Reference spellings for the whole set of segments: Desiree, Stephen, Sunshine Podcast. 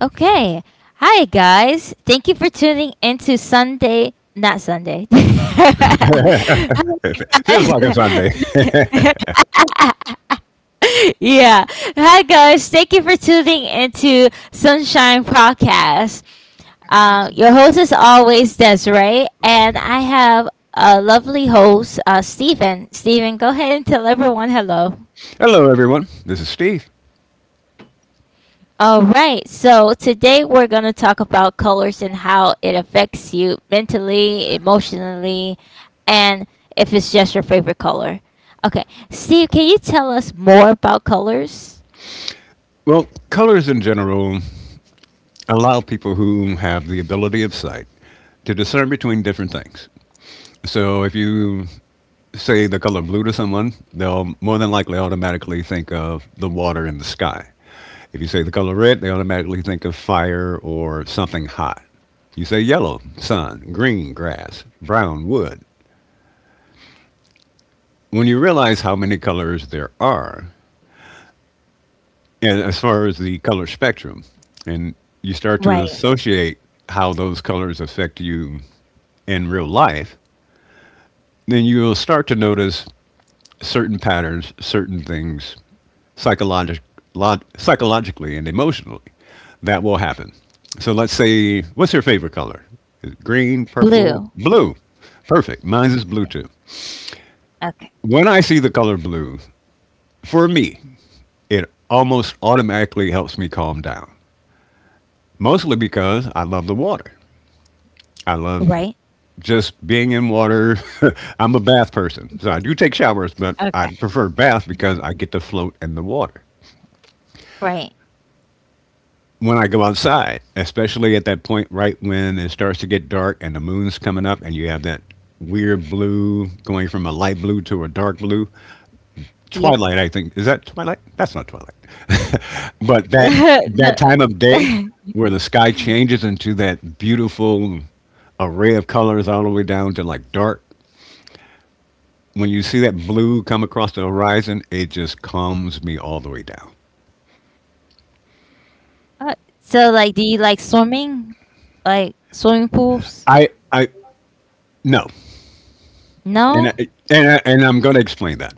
Okay. Hi, guys. Thank you for tuning into Sunday, not Sunday. Feels like a Sunday. Yeah. Hi, guys. Thank you for tuning into Sunshine Podcast. Your host is always Desiree, and I have a lovely host, Stephen. Stephen, go ahead and tell everyone hello. Hello, everyone. This is Steve. All right, so today we're going to talk about colors and how it affects you mentally, emotionally, and if it's just your favorite color. Okay, Steve, can you tell us more about colors? Well, colors in general allow people who have the ability of sight to discern between different things. So if you say the color blue to someone, they'll more than likely automatically think of the water in the sky. If you say the color red, they automatically think of fire or something hot. You say yellow, sun, green, grass, brown, wood. When you realize how many colors there are, and as far as the color spectrum, and you start Right, to associate how those colors affect you in real life, then you'll start to notice certain patterns, certain things psychologi- psychologically and emotionally that will happen. So let's say, what's your favorite color? Is it green, purple, blue. blue? Perfect. Mine is blue Yeah. too. Okay, When I see the color blue, for me, it almost automatically helps me calm down, mostly because I love the water. I love right, just being in water. I'm a bath person, so I do take showers, but okay, I prefer bath because I get to float in the water. right. When I go outside, especially at that point right when it starts to get dark and the moon's coming up and you have that weird blue going from a light blue to a dark blue, Yep. twilight. I think is that twilight. That's not twilight, but that No. that time of day where the sky changes into that beautiful array of colors all the way down to like dark. When you see that blue come across the horizon, it just calms me all the way down. Uh, so, like, do you like swimming? Like, swimming pools? I, no, and I, No? And I'm going to explain that.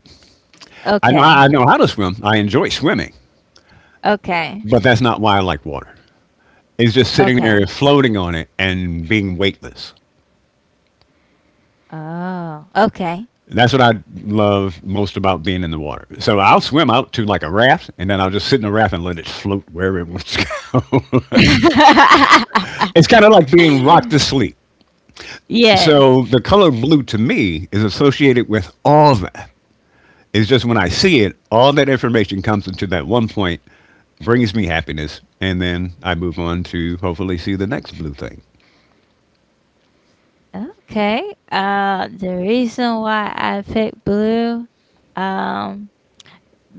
I know Okay, I know how to swim. I enjoy swimming, okay, but that's not why I like water. It's just sitting there okay. floating on it and being weightless. Oh, okay. That's what I love most about being in the water. So I'll swim out to like a raft, and then I'll just sit in a raft and let it float wherever it wants to go. It's kind of like being rocked to sleep. So Yes. the color blue to me is associated with all that. It's just when I see it, all that information comes into that one point, brings me happiness, and then I move on to hopefully see the next blue thing. Okay. The reason why I picked blue, um,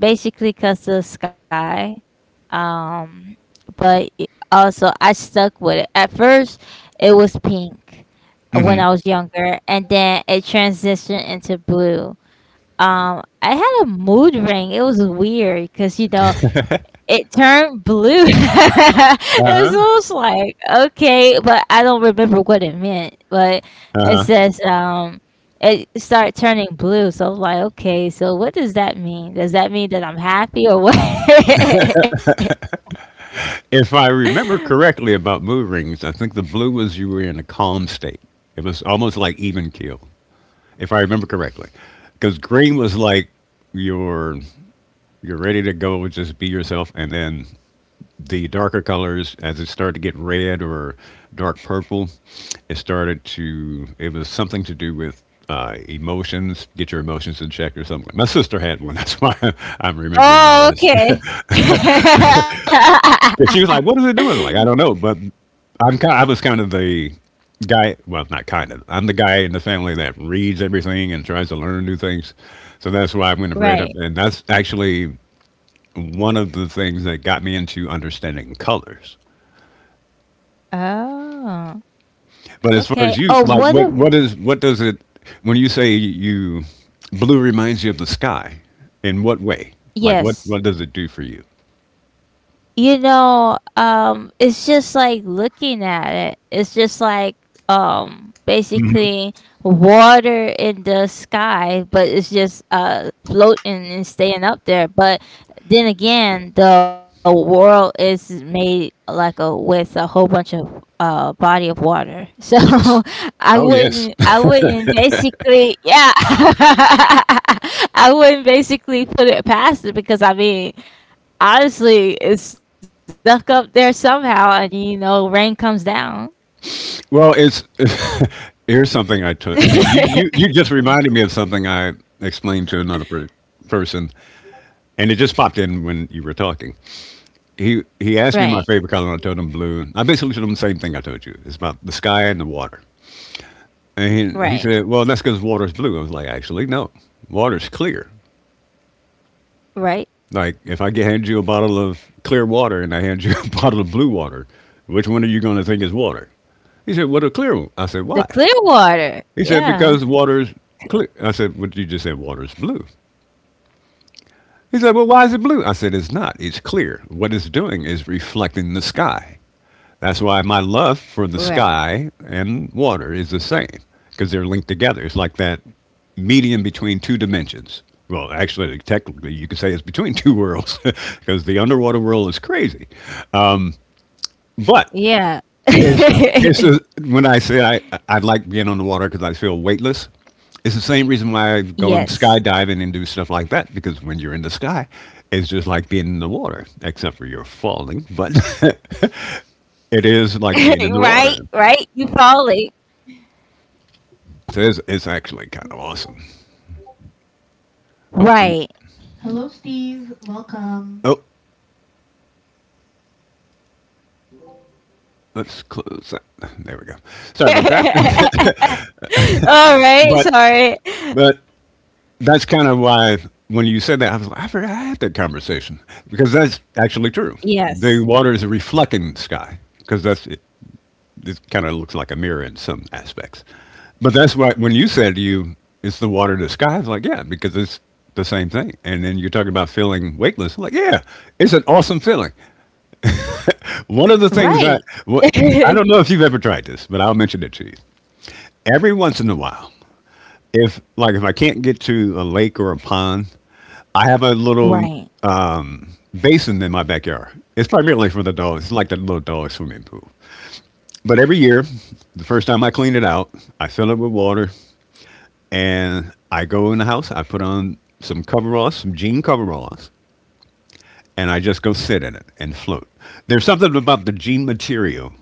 basically because the sky, um, but also I stuck with it. At first, it was pink when Hmm. I was younger, and then it transitioned into blue. I had a mood ring. It was weird because, you know, it turned blue. It's Uh-huh. almost like okay, but I don't remember what it meant. But it says it started turning blue. So I'm like, okay, so what does that mean? Does that mean that I'm happy or what? If I remember correctly about mood rings, I think the blue was you were in a calm state. It was almost like even keel. If I remember correctly, because green was like you're you're ready to go, just be yourself, and then the darker colors as it started to get red or dark purple, it was something to do with emotions, get your emotions in check or something. My sister had one, that's why I'm remembering all Oh, this. okay. And she was like, "What is it doing?" Like, I don't know, but I was kind of the guy. Well, not kind of. I'm the guy in the family that reads everything and tries to learn new things. So that's why I went and read up, Right. and that's actually one of the things that got me into understanding colors. Oh, But as far okay. as you, Oh, like, what what what a. is what does it, when you say you blue reminds you of the sky? In what way? Like, what Yes. does it do for you? You know, it's just like looking at it. It's just like basically water in the sky, but it's just floating and staying up there. But then again, the world is made like a with a whole bunch of body of water. So, Yes. I Oh, yes. wouldn't I wouldn't basically, yeah, I wouldn't basically put it past it because I mean, honestly, it's stuck up there somehow, and, you know, rain comes down. Well, it's here's something I took. And you, you, you just reminded me of something I explained to another person, and it just popped in when you were talking. He asked me my favorite Right, color, and I told him blue. And I basically told him the same thing I told you. It's about the sky and the water. And he said, right, "Well, that's because water's blue." I was like, "Actually, no. Water's clear. Like right. if I hand you a bottle of clear water and I hand you a bottle of blue water, which one are you going to think is water?" He said, "What a clear one." I said, "Why?" The clear He water. said, because Yeah. water's clear. I said, what you just said, water's blue. He said, well, why is it blue? I said, it's not. It's clear. What it's doing is reflecting the sky. That's why my love for the Right. sky and water is the same, because they're linked together. It's like that medium between two dimensions. Well, actually, technically, you could say it's between two worlds, because the underwater world is crazy. But Yeah. It's it's a, when I say I like being on the water because I feel weightless. It's the same reason why I go and Yes. skydiving and do stuff like that because when you're in the sky, it's just like being in the water, except for you're falling. But it is like being in the Right, water. right. You falling. So it's actually kind of awesome. Oh, I mean, Right. oh, let's close that. There we go. Sorry about that. All right. but Sorry. but that's kind of why when you said that, I was like, I forgot I had that conversation because that's actually true. The Yes. water is reflecting the sky because that's it. It kind of looks like a mirror in some aspects. But that's why when you said you, it's the water to the sky. I was like, yeah, because it's the same thing. And then you're talking about feeling weightless. I'm like, yeah, it's an awesome feeling. One of the things Right. what I don't know if you've ever tried this, but I'll mention it to you. Every once in a while, if I can't get to a lake or a pond, I have a little Right. basin in my backyard. It's primarily for the dogs. It's like the little dog swimming pool. But every year, the first time I clean it out, I fill it with water and I go in the house, I put on some coveralls, some jean coveralls, and I just go sit in it and float. There's something about the jean material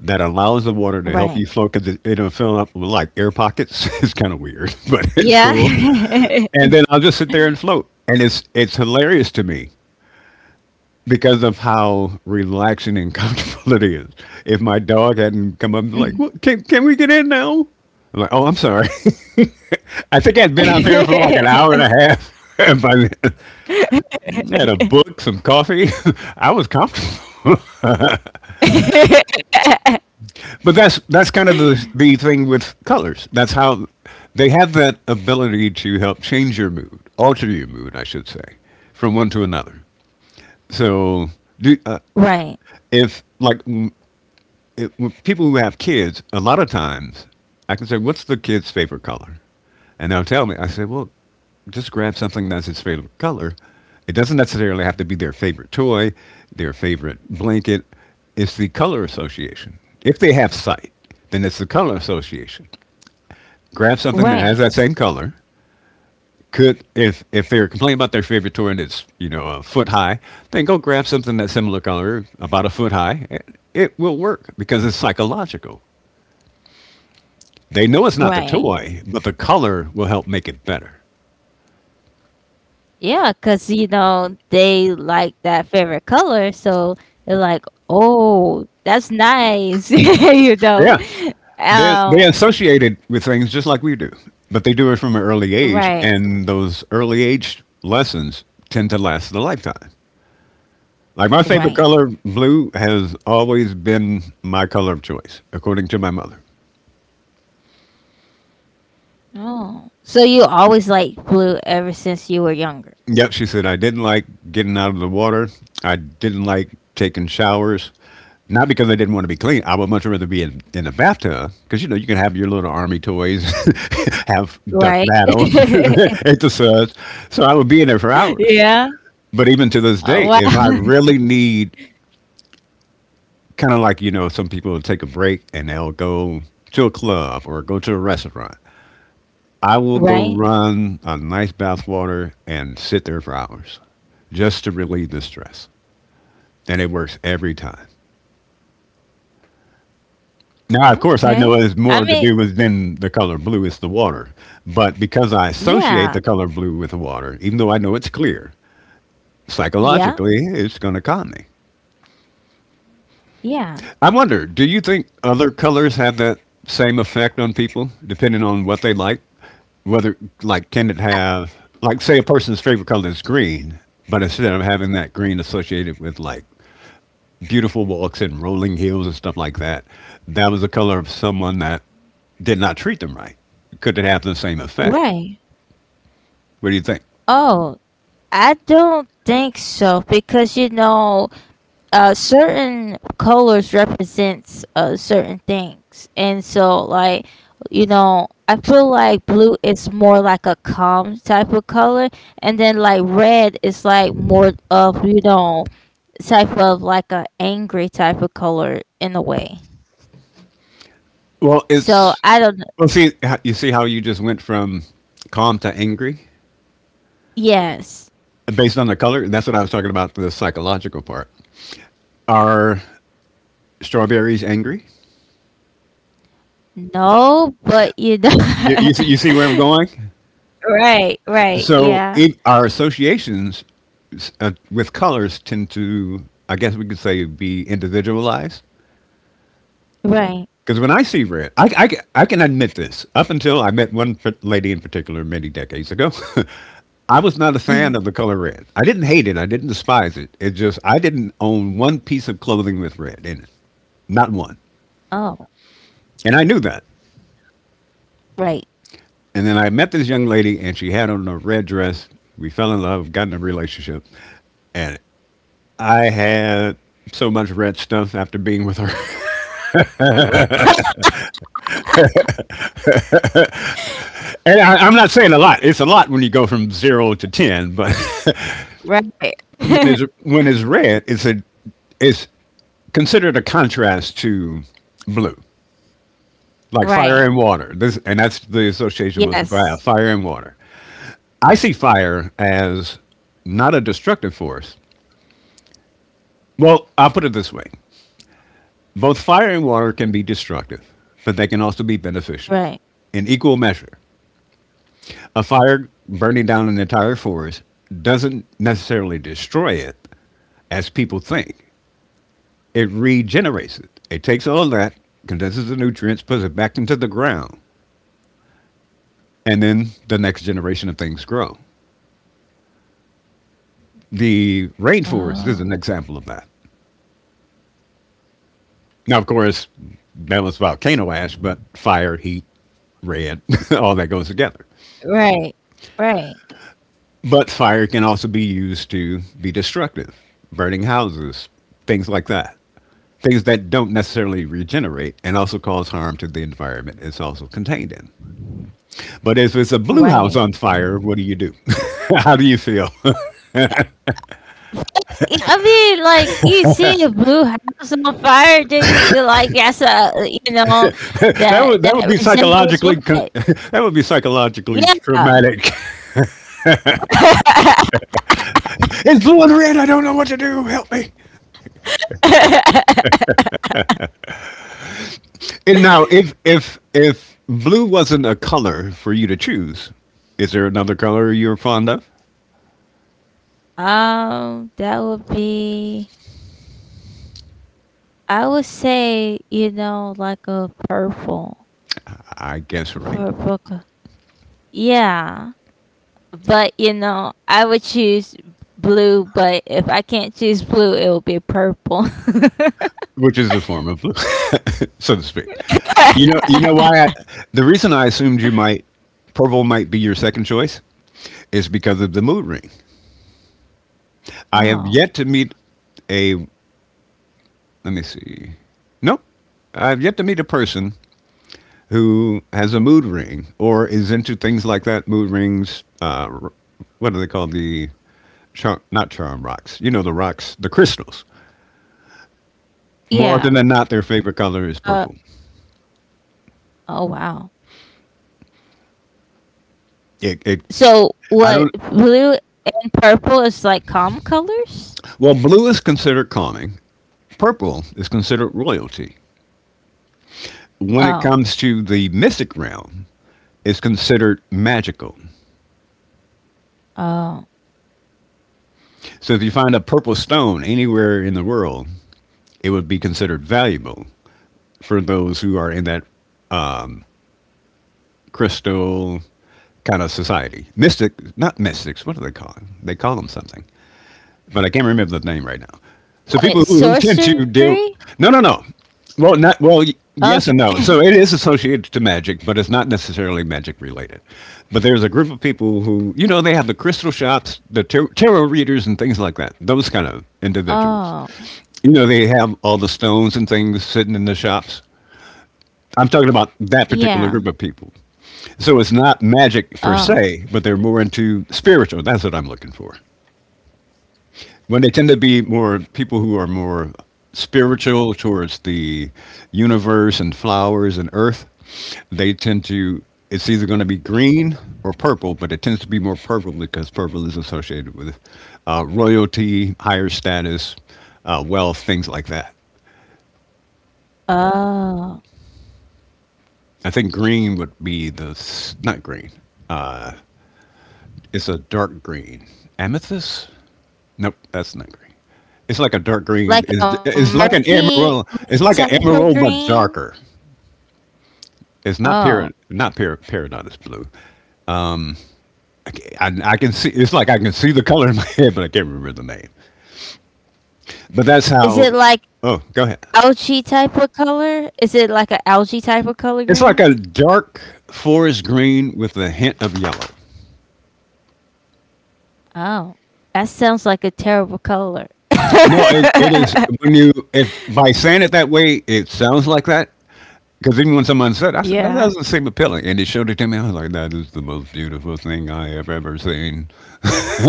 that allows the water to Right. help you float because it'll fill up with like air pockets. It's kind of weird, but it's Yeah. cool. And then I'll just sit there and float. And it's hilarious to me because of how relaxing and comfortable it is. If my dog hadn't come up and be like, well, can we get in now? I'm like, oh, I'm sorry. I think I'd been out there for like an hour and a half. And by then, I had a book, some coffee. I was comfortable. But that's kind of the thing with colors. That's how they have that ability to help change your mood, alter your mood, I should say, from one to another. So, do, Right, if like m- it, people who have kids, a lot of times I can say, "What's the kid's favorite color?" And they'll tell me. I say, "Well, just grab something that's his favorite color. It doesn't necessarily have to be their favorite toy, their favorite blanket. It's the color association. If they have sight, then it's the color association. Grab something that right, has that same color. Could if if they're complaining about their favorite toy and it's a foot high, then go grab something that's similar color, about a foot high. It will work because it's psychological. They know it's not the right. toy, but the color will help make it better. Yeah, cause, you know, they like that favorite color, so they're like, "Oh, that's nice," you know. Yeah, they Um, associate it with things just like we do, but they do it from an early age, right, and those early age lessons tend to last a lifetime. Like my favorite right. color, blue, has always been my color of choice, according to my mother. Oh, so you always liked blue ever since you were younger, Yep, she said, I didn't like getting out of the water. I didn't like taking showers. Not because I didn't want to be clean. I would much rather be in a bathtub because, you know, you can have your little army toys, have duck right? battles, hit the suds. So I would be in there for hours. Yeah. But even to this Oh day, wow. if I really need, kind of like, you know, some people will take a break and they'll go to a club or go to a restaurant. I will Right. go run on nice bath water and sit there for hours just to relieve the stress. And it works every time. Now, of course, I Okay. know it has I more mean, to do with than the color blue, it's the water. But because I associate yeah, the color blue with the water, even though I know it's clear, yeah, psychologically, it's going to calm me. yeah. I wonder, do you think other colors have that same effect on people, depending on what they like? Whether, like, can it Uh, have, like, say a person's favorite color is green, but instead of having that green associated with, like, beautiful walks and rolling hills and stuff like that, that was the color of someone that did not treat them right. Could it have the same effect? Right. What do you think? Oh, I don't think so because, you know, certain colors represents certain things, and so like, you know, I feel like blue is more like a calm type of color, and then like red is like more of, you know, type of like a angry type of color in a way. Well, So it's, I don't. well, see, you see how you just went from calm to angry Yes. based on the color? That's what I was talking about, the psychological part. Are strawberries angry? No, but you know. See, you see where I'm going? Right, right, yeah, Our associations with colors tend to, I guess we could say, be individualized. right. Because when I see red, I can admit this. Up until I met lady in particular many decades ago, I was not a fan of the color red. I didn't hate it. I didn't despise it. I didn't own one piece of clothing with red in it. Not one. Oh. And I knew that. Right. And then I met this young lady, and she had on a red dress. We fell in love, got in a relationship, and I had so much red stuff after being with her. And I'm not saying a lot. It's a lot when you go from zero to ten, but Right. when it's when it's red, it's a it's considered a contrast to blue, like fire Right. and water. This and that's the association most people have: Yes. fire and water. I see fire as not a destructive force. Well, I'll put it this way: both fire and water can be destructive, but they can also be beneficial Right. in equal measure. A fire burning down an entire forest doesn't necessarily destroy it as people think, it regenerates it. It takes all that, condenses the nutrients, puts it back into the ground, and then the next generation of things grow. The rainforest is Oh. an example of that. Now, of course, that was volcano ash, but fire, heat, red, all that goes together. Right. Right. But fire can also be used to be destructive, burning houses, things like that. Things that don't necessarily regenerate and also cause harm to the environment it's also contained in. But if it's a blue Right. house on fire, what do you do? How do you feel? Yeah, I mean, like, you see a blue house on fire, then you be like, "That's a, you know, that that would that would that be resembles what?" that would be psychologically Yeah. traumatic. It's blue and red. I don't know what to do. Help me. And now, if blue wasn't a color for you to choose, is there another color you're fond of? That would be. I would say, you know, like a purple, I guess a right, purple. co- yeah. But, you know, I would choose blue, but if I can't choose blue, it will be purple. which is a form of, so to speak. You know why? The reason I assumed you might purple might be your second choice is because of the mood ring. I have yet Oh, to meet a. Let me see. Nope, I've yet to meet a person who has a mood ring or is into things like that. Mood rings. What do they call the charm, not charm rocks. You know the rocks, the crystals. yeah. More often than not, their favorite color is Uh, purple. oh, wow. It, it. So, I what, don't. blue and purple is like calm colors? Well, blue is considered calming, purple is considered royalty. When Oh, it comes to the mystic realm, it's considered magical. oh. So if you find a purple stone anywhere in the world, it would be considered valuable for those who are in that crystal kind of society. Mystic, not mystics, what do they call them? They call them something, but I can't remember the name right now. So people What who tend to sorcery? do no, no, no. Well, not well. Yes Okay. and no. So it is associated to magic, but it's not necessarily magic related. But there's a group of people who, you know, they have the crystal shops, the tarot readers, and things like that. Those kind of individuals. Oh, You know, they have all the stones and things sitting in the shops. I'm talking about that yeah. particular group of people. So it's not magic Oh, per se, but they're more into spiritual. That's what I'm looking for. When they tend to be more people who are more spiritual towards the universe and flowers and earth, they tend to, it's either going to be green or purple, but it tends to be more purple because purple is associated with royalty, higher status, wealth, things like that. oh. I think green would be the, not green, it's a dark green. Amethyst? Nope, that's not green. It's like a dark green. Like a It's like an murky, emerald. murky It's like an type of emerald, but green? darker. It's not Oh. para, not para, Peridot is blue. I, I can see. It's like I can see the color in my head, but I can't remember the name. But that's Is it how. like Oh, go ahead. algae type of color? Is it like an algae type of color It's green? like a dark forest green with a hint of yellow. Oh, that sounds like a terrible color. No, it is when you if by saying it that way, it sounds like that. Because even when I said that Yeah. doesn't seem appealing, and they showed it to me, I was like, that is the most beautiful thing I have ever seen.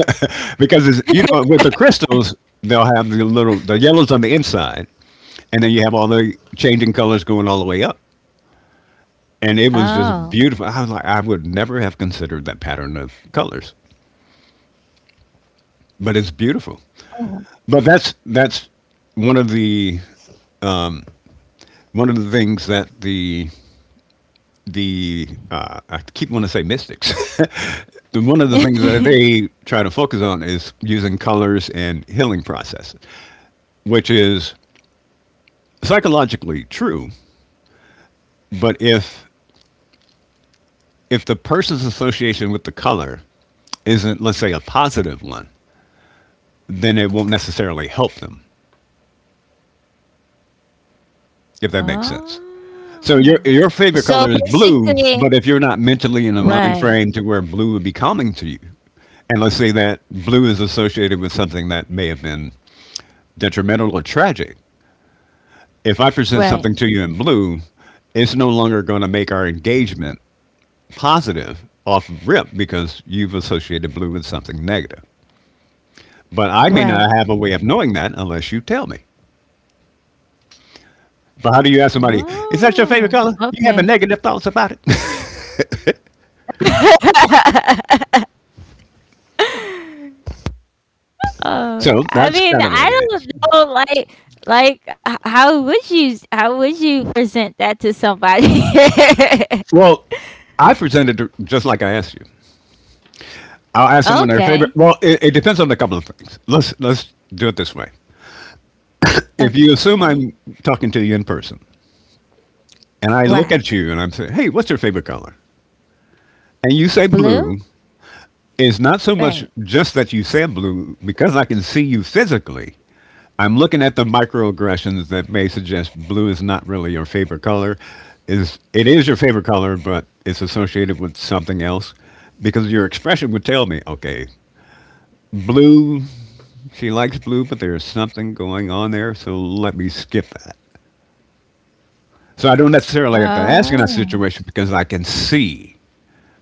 because it's, you know, with the crystals they'll have the little the yellows on the inside, and then you have all the changing colors going all the way up, and it was just Oh. beautiful. I was like, I would never have considered that pattern of colors, but it's beautiful. Oh. But that's one of the one of the things that the I keep wanting to say mystics. One of the things that they try to focus on is using colors and healing processes, which is psychologically true, but if the person's association with the color isn't, let's say, a positive one, then it won't necessarily help them, if that makes sense. So Oh. your So favorite color is blue, basically. but if you're not mentally in a mind Right. frame to where blue would be calming to you, and let's say that blue is associated with something that may have been detrimental or tragic, if I present Right. something to you in blue, it's no longer going to make our engagement positive off rip because you've associated blue with something negative. But I may Right. not have a way of knowing that unless you tell me. But how do you ask somebody, is Oh, that your favorite color? okay. You having negative thoughts about it? Oh, So I that's mean, kind of what I it don't is. know, like, how would you present that to somebody? Well, I presented just like I asked you. I'll ask someone their favorite. Okay, Well, it depends on a couple of things. Let's do it this way. If you okay, assume I'm talking to you in person, and I right, look at you and I'm saying, "Hey, what's your favorite color?" and you say blue, blue, it's not so right, much just that you said blue, because I can see you physically. I'm looking at the microaggressions that may suggest blue is not really your favorite color. Is it is your favorite color, but it's associated with something else. Because your expression would tell me, okay, blue, she likes blue, but there's something going on there, so let me skip that. So I don't necessarily have to ask in that oh, situation because I can see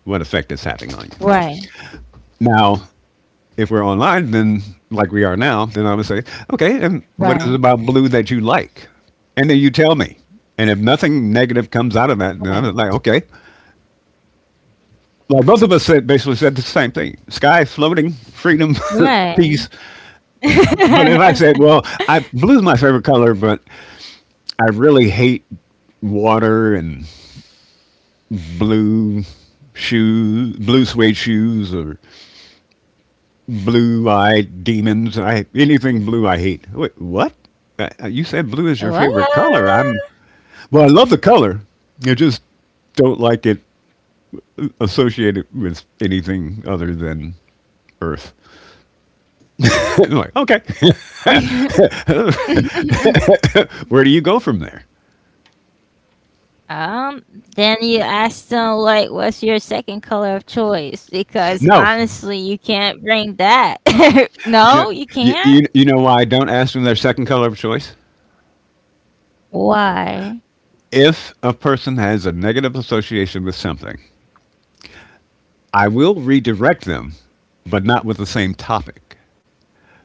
what effect it's having on you. right, Now, if we're online, then like we are now, then I would say, okay, and what is right, it about blue that you like? And then you tell me. And if nothing negative comes out of right, that, then I'm like, okay. Like both of us said, basically said the same thing: sky, floating, freedom, right. peace. But if I said, well, I blue is my favorite color, but I really hate water and blue shoes, blue suede shoes, or blue-eyed demons. I anything blue I hate. Wait, what? You said blue is your What? favorite color. I'm well. I love the color. I just don't like it associated with anything other than Earth. I'm like, okay, where do you go from there? um, then you ask them like, what's your second color of choice? Because No, honestly, you can't bring that. you know, No, you you can't. you know why I don't ask them their second color of choice. Why? If a person has a negative association with something, I will redirect them, but not with the same topic,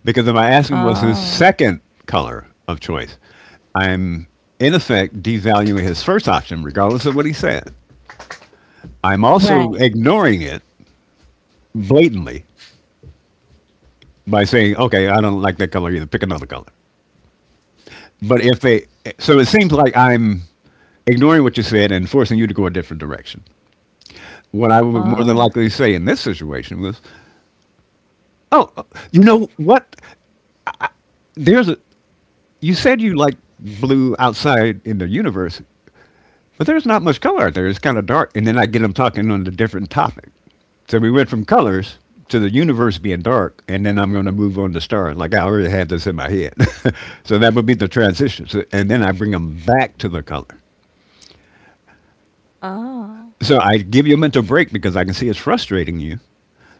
because if I ask him what's his Oh, second color of choice, I'm in effect devaluing his first option, regardless of what he said. I'm right. also ignoring it blatantly by saying, okay, I don't like that color either, pick another color. But if they, so it seems like I'm ignoring what you said and forcing you to go a different direction. What I would more than Oh, likely say in this situation was, oh, you know what? There's a, you said you like blue outside in the universe. But there's not much color out there. It's kind of dark. And then I get them talking on a different topic. So we went from colors to the universe being dark, and then I'm going to move on to stars. Like I already had this in my head. So that would be the transition. And then I bring them back to the color. oh. So I give you a mental break because I can see it's frustrating you.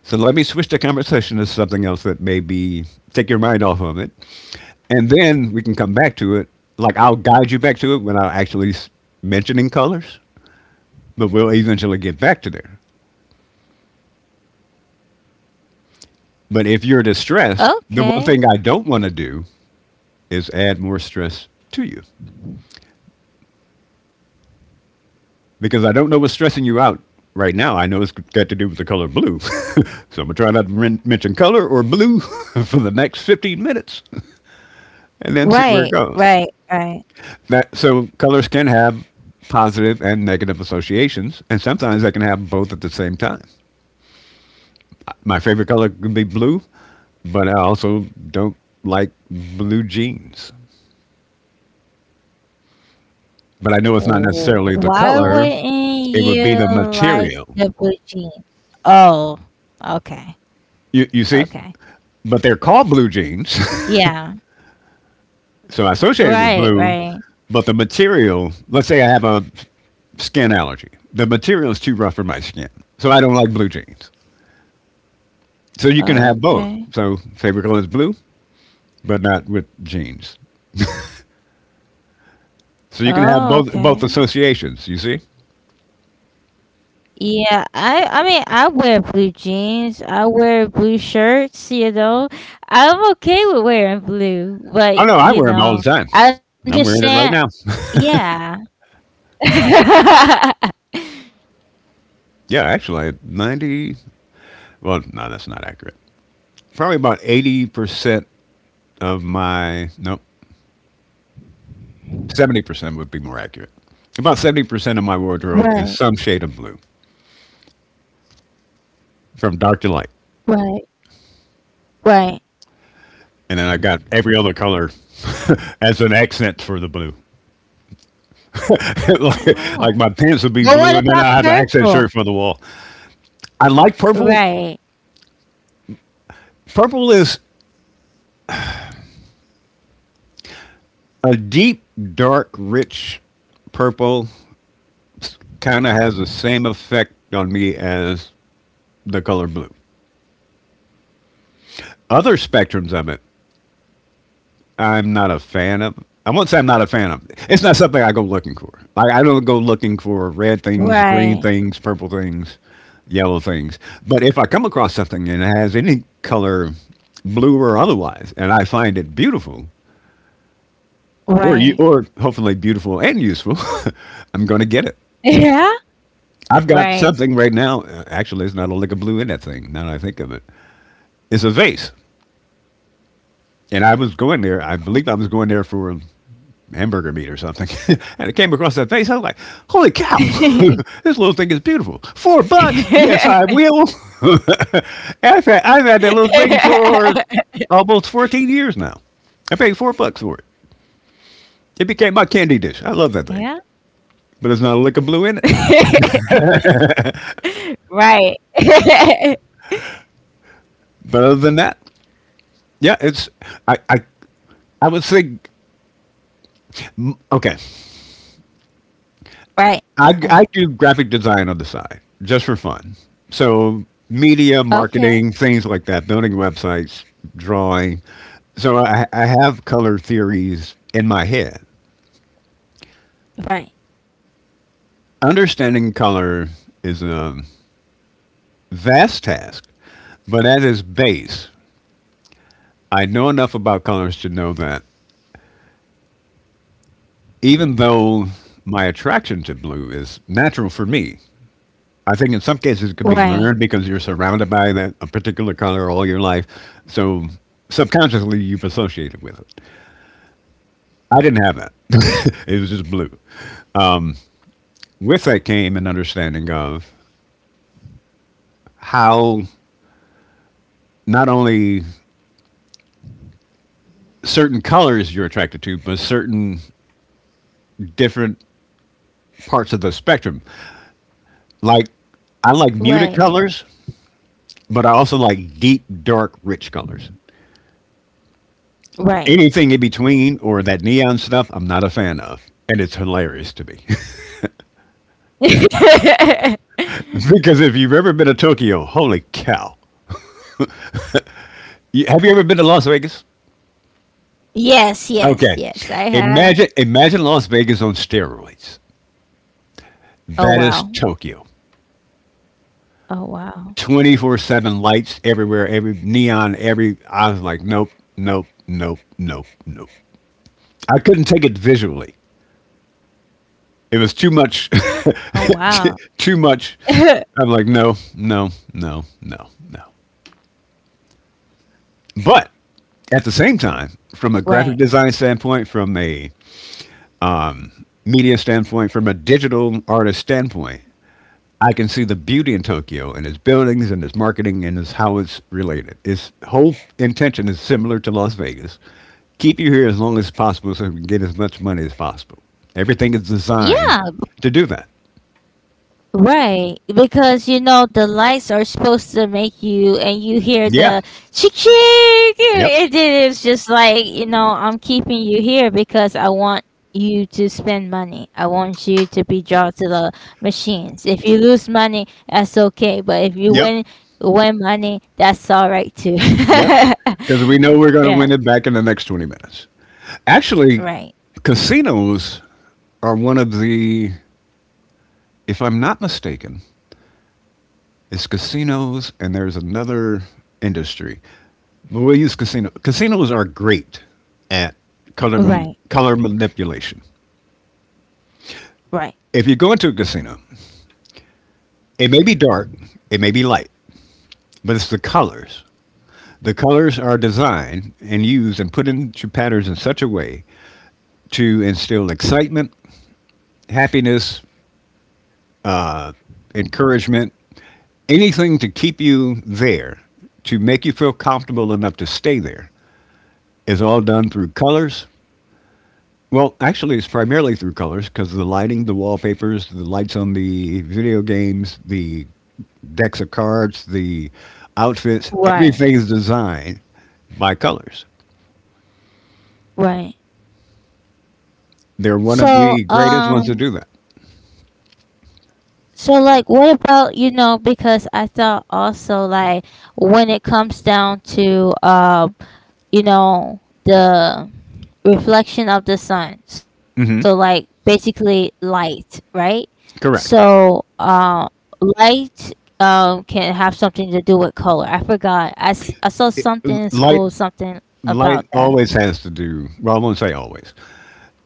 So let me switch the conversation to something else that may be take your mind off of it. And then we can come back to it. Like I'll guide you back to it without actually mentioning colors, but we'll eventually get back to there. But if you're distressed, Okay. the one thing I don't want to do is add more stress to you because I don't know what's stressing you out right now. I know it's got to do with the color blue. So I'm going to try not to mention color or blue for the next 15 minutes and then see where it Right, goes. right, right. So colors can have positive and negative associations, and sometimes they can have both at the same time. My favorite color can be blue, but I also don't like blue jeans. But I know it's not necessarily the Why color. wouldn't It would be you the like material. the blue jeans? Oh, okay, You see? okay. But they're called blue Yeah. jeans. Right, So I right. associate it with blue, but the material, let's say I have a skin allergy. The material is too rough for my skin. So I don't like blue jeans. So you can have Okay. both. So favorite color is blue, but not with jeans. So you can have Oh, both okay. associations, you see? Yeah, I mean I wear blue jeans, I wear blue shirts, you know. I'm okay with wearing blue, Oh but no, I wear you them all the know, time. I I'm wearing it understand. right now. Yeah. Yeah, actually, 90, well, no, that's not accurate. Probably about 80% of my, nope, 70% would be more accurate. About 70% of my wardrobe is Right, some shade of blue from dark to light. right, right. And then I got every other color as an accent for the blue. like, Oh. like my pants would be But blue, what and then about I have an accent shirt purple? for the wall. I like purple. Right, Purple is a deep, dark, rich purple. Kind of has the same effect on me as the color blue. Other spectrums of it I'm not a fan of. I won't say I'm not a fan of. It's not something I go looking for. Like I don't go looking for red things, right, green things, purple things, yellow things. But if I come across something and it has any color, blue or otherwise, and I find it beautiful, right. or hopefully beautiful and useful, I'm going to get it. Yeah, I've got right. something right now. Actually, it's not a lick of blue in that thing. Now that I think of it, it's a vase, and I was going there. I believe I was going there for hamburger meat or something. And it came across that face. I was like, holy cow, this little thing is beautiful. $4? Yes, I will. I've had that little thing for almost 14 years now. I paid $4 for it. It became my candy dish. I love that thing. Yeah. But it's not a lick of blue in it. Right. But other than that, yeah, it's, I, I, I would think, okay, Right. I Okay. do graphic design on the side just for fun. So, media, marketing, Okay. things like that, building websites, drawing. So, I have color theories in my head. Right. Understanding color is a vast task, but at its base, I know enough about colors to know that even though my attraction to blue is natural for me, I think in some cases it could be learned Right. because you're surrounded by that a particular color all your life. So subconsciously you've associated with it. I didn't have that. It was just blue. With that came an understanding of how not only certain colors you're attracted to, but certain different parts of the spectrum. Like I like muted Right. colors, but I also like deep, dark, rich colors. Right. Anything in between or that neon stuff, I'm not a fan of. And it's hilarious to me. Because if you've ever been to Tokyo, holy cow! Have you ever been to Las Vegas? Yes, Okay, yes, yes. I imagine have. imagine Las Vegas on steroids. That Oh is wow. Tokyo. Oh wow. 24/7 lights everywhere, every neon, every. I was like, nope, nope. I couldn't take it visually. It was too much, Oh wow. Too much. I'm like, no, no, no, no, no. But at the same time, from a Right. graphic design standpoint, from a media standpoint, from a digital artist standpoint, I can see the beauty in Tokyo and its buildings and its marketing and its how it's related. Its whole intention is similar to Las Vegas. Keep you here as long as possible so we can get as much money as possible. Everything is designed Yeah. to do that. Right, because, you know, the lights are supposed to make you, and you hear Yeah. the chick chick, Yep. and then it's just like, you know, I'm keeping you here because I want you to spend money. I want you to be drawn to the machines. If you lose money, that's okay, but if you Yep. win money, that's all right too. Yep. Because we know we're going to Yeah, win it back in the next 20 minutes. Actually, right, casinos are one of the, if I'm not mistaken, it's casinos, and there's another industry. But we'll use casino. Casinos are great at color right, color manipulation. right, If you go into a casino, it may be dark, it may be light, but it's the colors. The colors are designed and used and put into patterns in such a way to instill excitement, happiness, encouragement, anything to keep you there, to make you feel comfortable enough to stay there, is all done through colors. Well, actually, it's primarily through colors because the lighting, the wallpapers, the lights on the video games, the decks of cards, the outfits, right, everything's designed by colors. right. They're one of So the greatest ones to um, do that. So, like, what about, you know, because I thought also, like, when it comes down to you know the reflection of the sun. So like basically light, right? Correct. So light can have something to do with color. I forgot. I saw something in Light school something light about always that. has to do, well, I won't say always.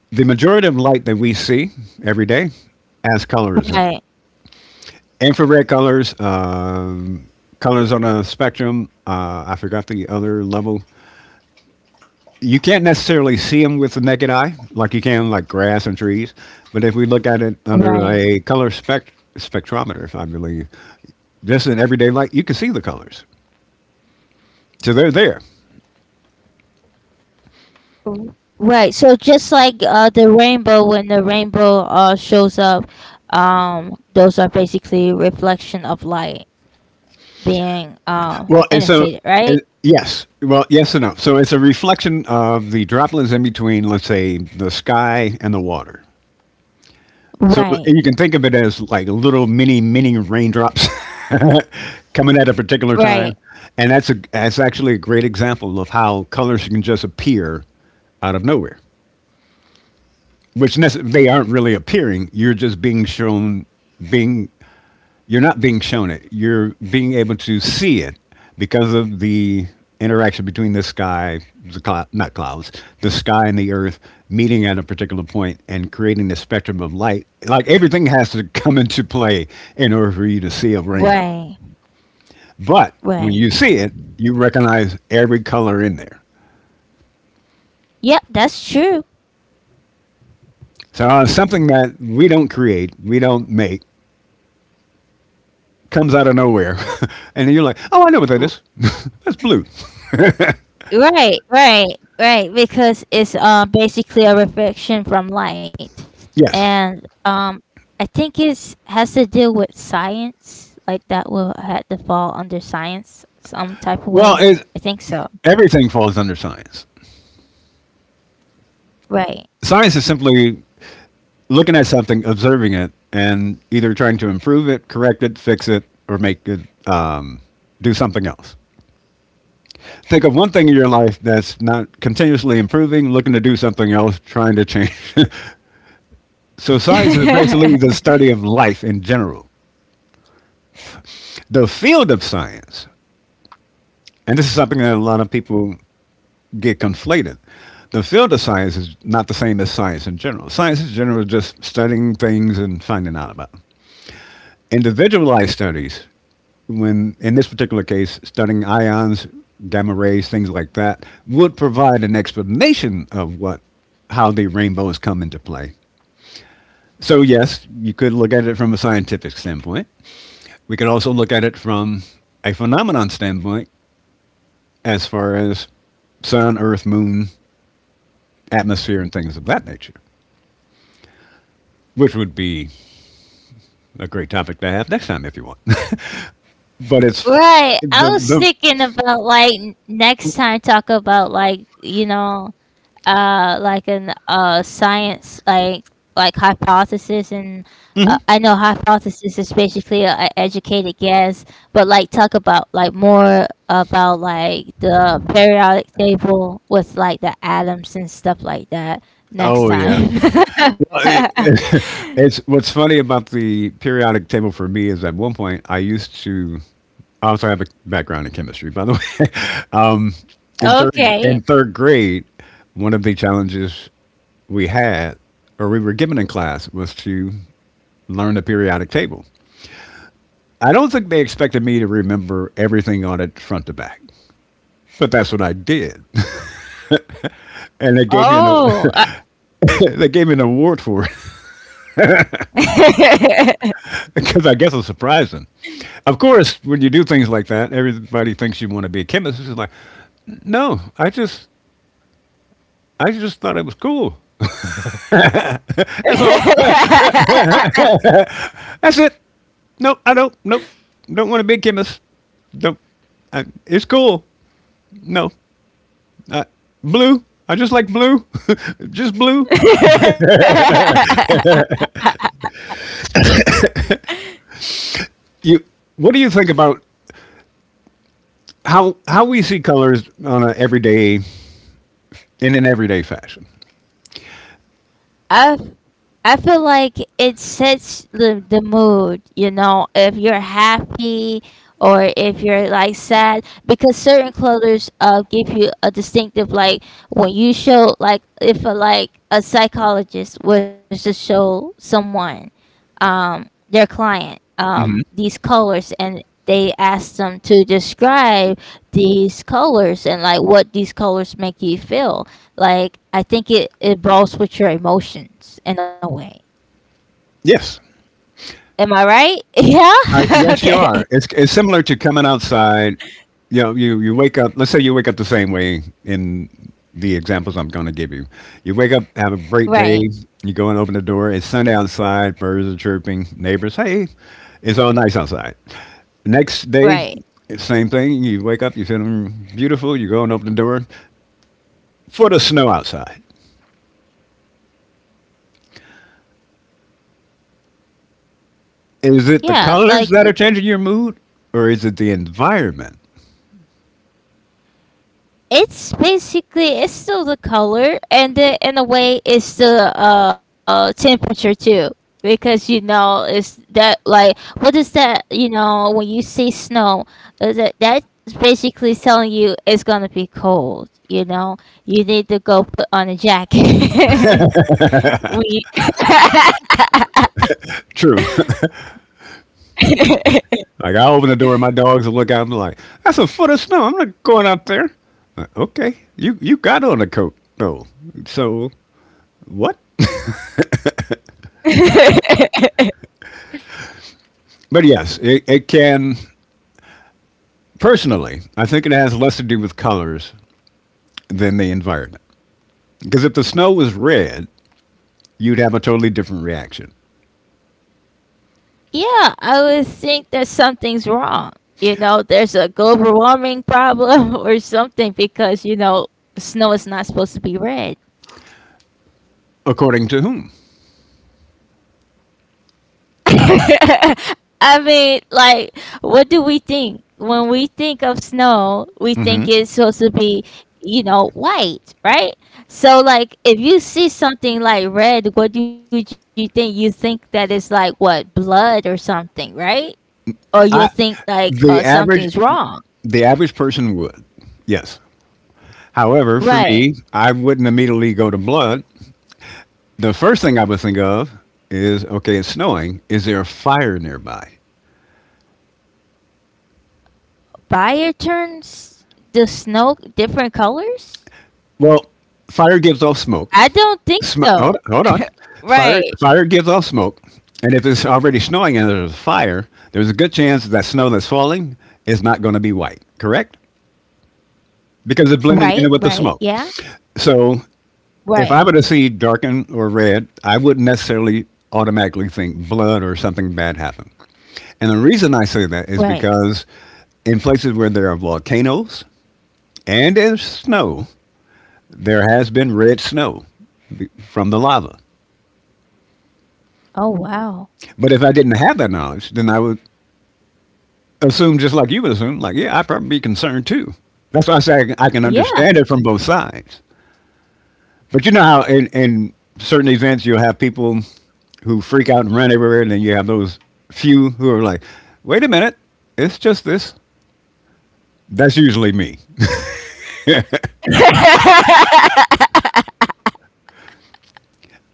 The majority of light that we see every day has colors in it. Right. Infrared colors, colors on a spectrum. I forgot the other level you can't necessarily see them with the naked eye, like you can like grass and trees. But if we look at it under a Right. color spectrometer, I believe, just in everyday light, you can see the colors. So they're there. Mm. Right. So just like, the rainbow, when the rainbow shows up, those are basically reflection of light being Well, and so annotated, right? it, yes, well, Yes and no. So it's a reflection of the droplets in between, let's say, the sky and the water. So Right. you can think of it as like little mini raindrops coming at a particular Right. time, and that's actually a great example of how colors can just appear out of nowhere, which they aren't really appearing. Being you're not being shown it. You're being able to see it because of the interaction between the sky, the cloud, not clouds, the sky and the earth meeting at a particular point and creating the spectrum of light. Like everything has to come into play in order for you to see a rainbow. Right. But when Right. you see it, you recognize every color in there. Yep, that's true. So something that we don't create, we don't make, comes out of nowhere, and then you're like, "Oh, I know what that is. That's blue." Right, right, right. Because it's basically a reflection from light, Yes. and I think it's has to deal with science. Like that will had to fall under science some type of Well, way. it, I think so. Everything falls under science. Right. Science is simply looking at something, observing it, and either trying to improve it, correct it, fix it, or make it uh, do something else. Think of one thing in your life that's not continuously improving, looking to do something else, trying to change. So, science is basically the study of life in general. The field of science, and this is something that a lot of people get conflated. The field of science is not the same as science in general. Science in general is just studying things and finding out about them. Individualized studies, when in this particular case, studying ions, gamma rays, things like that, would provide an explanation of what how the rainbows come into play. So yes, you could look at it from a scientific standpoint. We could also look at it from a phenomenon standpoint, as far as sun, earth, moon, atmosphere, and things of that nature, which would be a great topic to have next time if you want. but it's Right. I was the thinking about like next time, talk about like, you know, like an science like hypothesis, and I know hypothesis is basically an educated guess, but like talk about like more about like the periodic table with like the atoms and stuff like that next Oh yeah, time. I mean, it's what's funny about the periodic table for me is at one point I used to. Also, I have a background in chemistry, by the way. In third Okay. in third grade, one of the challenges we had, or we were given in class, was to learn the periodic table. I don't think they expected me to remember everything on it front to back, but that's what I did, and they gave me an Oh. they gave me an award for it because I guess I surprised them. Of course, when you do things like that, everybody thinks you want to be a chemist. It's just like, no, I just thought it was cool. That's all. That's it. No, I don't. Nope. Don't want to be a chemist. Don't. It's cool. No. I, Blue. I just like blue. Just blue. You. What do you think about how we see colors on a everyday in an everyday fashion? I I feel like it sets the mood, you know, if you're happy or if you're like sad, because certain colors give you a distinctive, like, when you show like, if a, like a psychologist was to show someone their client Hmm. these colors and they ask them to describe these colors and like what these colors make you feel. Like, I think it evolves with your emotions in a way. Yes. Am I right? Yeah? Yes, you Okay. are. It's similar to coming outside. You wake up. Let's say you wake up the same way in the examples I'm going to give you. You wake up, have a great day. Right, You go and open the door. It's Sunday outside. Birds are chirping. Neighbors, hey, it's all nice outside. Next day, right. it's same thing. You wake up. You feeling beautiful. You go and open the door for the snow outside. Is it the Yeah, colors like that are changing your mood, or is it the environment? it's basically, it's still the color, and then in a way it's the temperature too. Because, you know, it's that, like, what is that, you know, when you see snow, that's basically telling you it's gonna be cold, you know? You need to go put on a jacket. We. True. Like I open the door and my dogs will look out and be like, "That's a foot of snow. I'm not going out there." Like, okay, you got on a coat though, so what? But yes, it can. Personally, I think it has less to do with colors than the environment. Because if the snow was red, you'd have a totally different reaction. Yeah, I would think that something's wrong. You know, there's a global warming problem or something because, you know, snow is not supposed to be red. According to whom? I mean, like, what do we think? When we think of snow, we Hmm. think it's supposed to be, you know, white, right? So, like, if you see something like red, what do you think? You think that it's like what, blood or something, right? Or you'll I think like, the average something's wrong. the average person would. Yes. However, for me, Right. I wouldn't immediately go to blood. The first thing I would think of is okay, it's snowing. Is there a fire nearby? Fire turns the snow different colors? Well, fire gives off smoke. I don't think Sm- hold, so. hold on. Fire, Right. fire gives off smoke. And if it's already snowing and there's a fire, there's a good chance that snow that's falling is not going to be white, correct? Because it's blending Right, in with the right. smoke. Yeah. So if Right. I were to see darken or red, I wouldn't necessarily automatically think blood or something bad happened. And the reason I say that is Right. because in places where there are volcanoes and there's snow, there has been red snow from the lava. Oh wow. But if I didn't have that knowledge, then I would assume just like you would assume, like, yeah, I'd probably be concerned too. That's why I say I can understand it Yeah. from both sides. But you know how in certain events you'll have people who freak out and run everywhere, and then you have those few who are like, wait a minute, it's just this. That's usually me.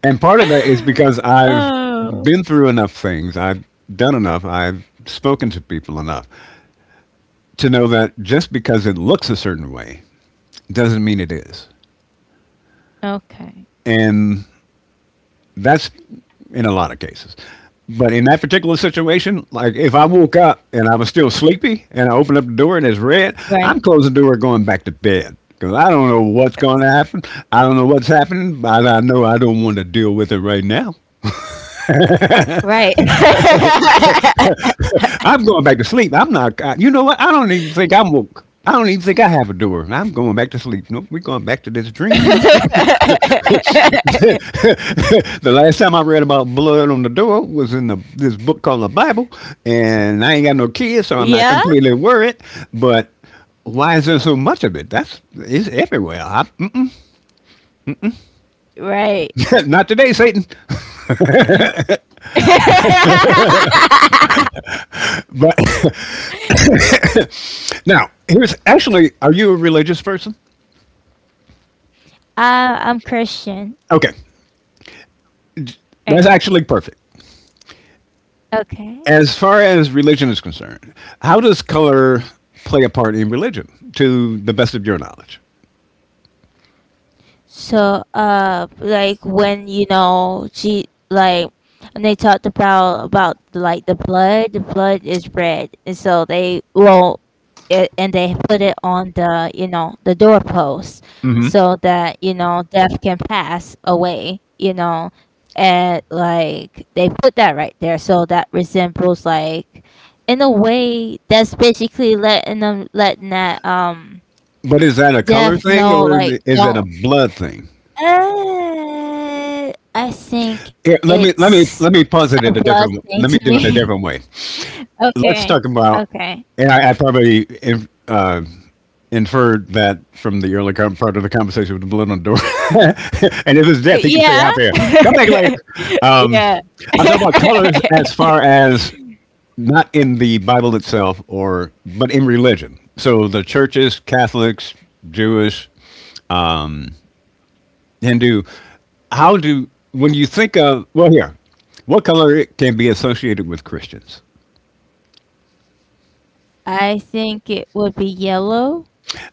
And part of that is because I've Oh. been through enough things, I've done enough, I've spoken to people enough to know that just because it looks a certain way doesn't mean it is. Okay. And that's in a lot of cases. But in that particular situation, like if I woke up and I was still sleepy and I opened up the door and it's red, Right. I'm closing the door and going back to bed because I don't know what's going to happen. I don't know what's happening, but I know I don't want to deal with it right now. Right. I'm going back to sleep. I'm not. You know what? I don't even think I'm woke. I don't even think I have a door. I'm going back to sleep. Nope, we're going back to this dream. The last time I read about blood on the door was in the this book called the Bible, and I ain't got no Yeah. kids, so I'm not completely worried. But why is there so much of it? That's It's everywhere. Mm-mm. Right. Not today, Satan. But now here's actually, are you a religious person? I'm Christian. Okay, that's Right. actually perfect. Okay. As far as religion is concerned, how does color play a part in religion, to the best of your knowledge? So, like, when, you know, she, like, and they talked about like the blood. The blood is red, and so they roll it, and they put it on the, you know, the doorpost, so that, you know, death can pass away. You know, and like they put that right there, so that resembles, like, in a way, that's basically letting them letting that But is that a color death thing, know or like is it a don't. blood thing? I think Here, let me let me it's let me a posit it a blood different. thing to Let me do it me. a different way. Okay. Let's talk about, Okay. and I probably inferred that from the early part of the conversation with the blood on the door. And if it's death, he can stay Yeah. out there. Come back later. Um, Yeah. I'm talking about colors as far as not in the Bible itself, or but in religion. So the churches, Catholics, Jewish, and do how do when you think of, well, here, what color can be associated with Christians? I think it would be yellow.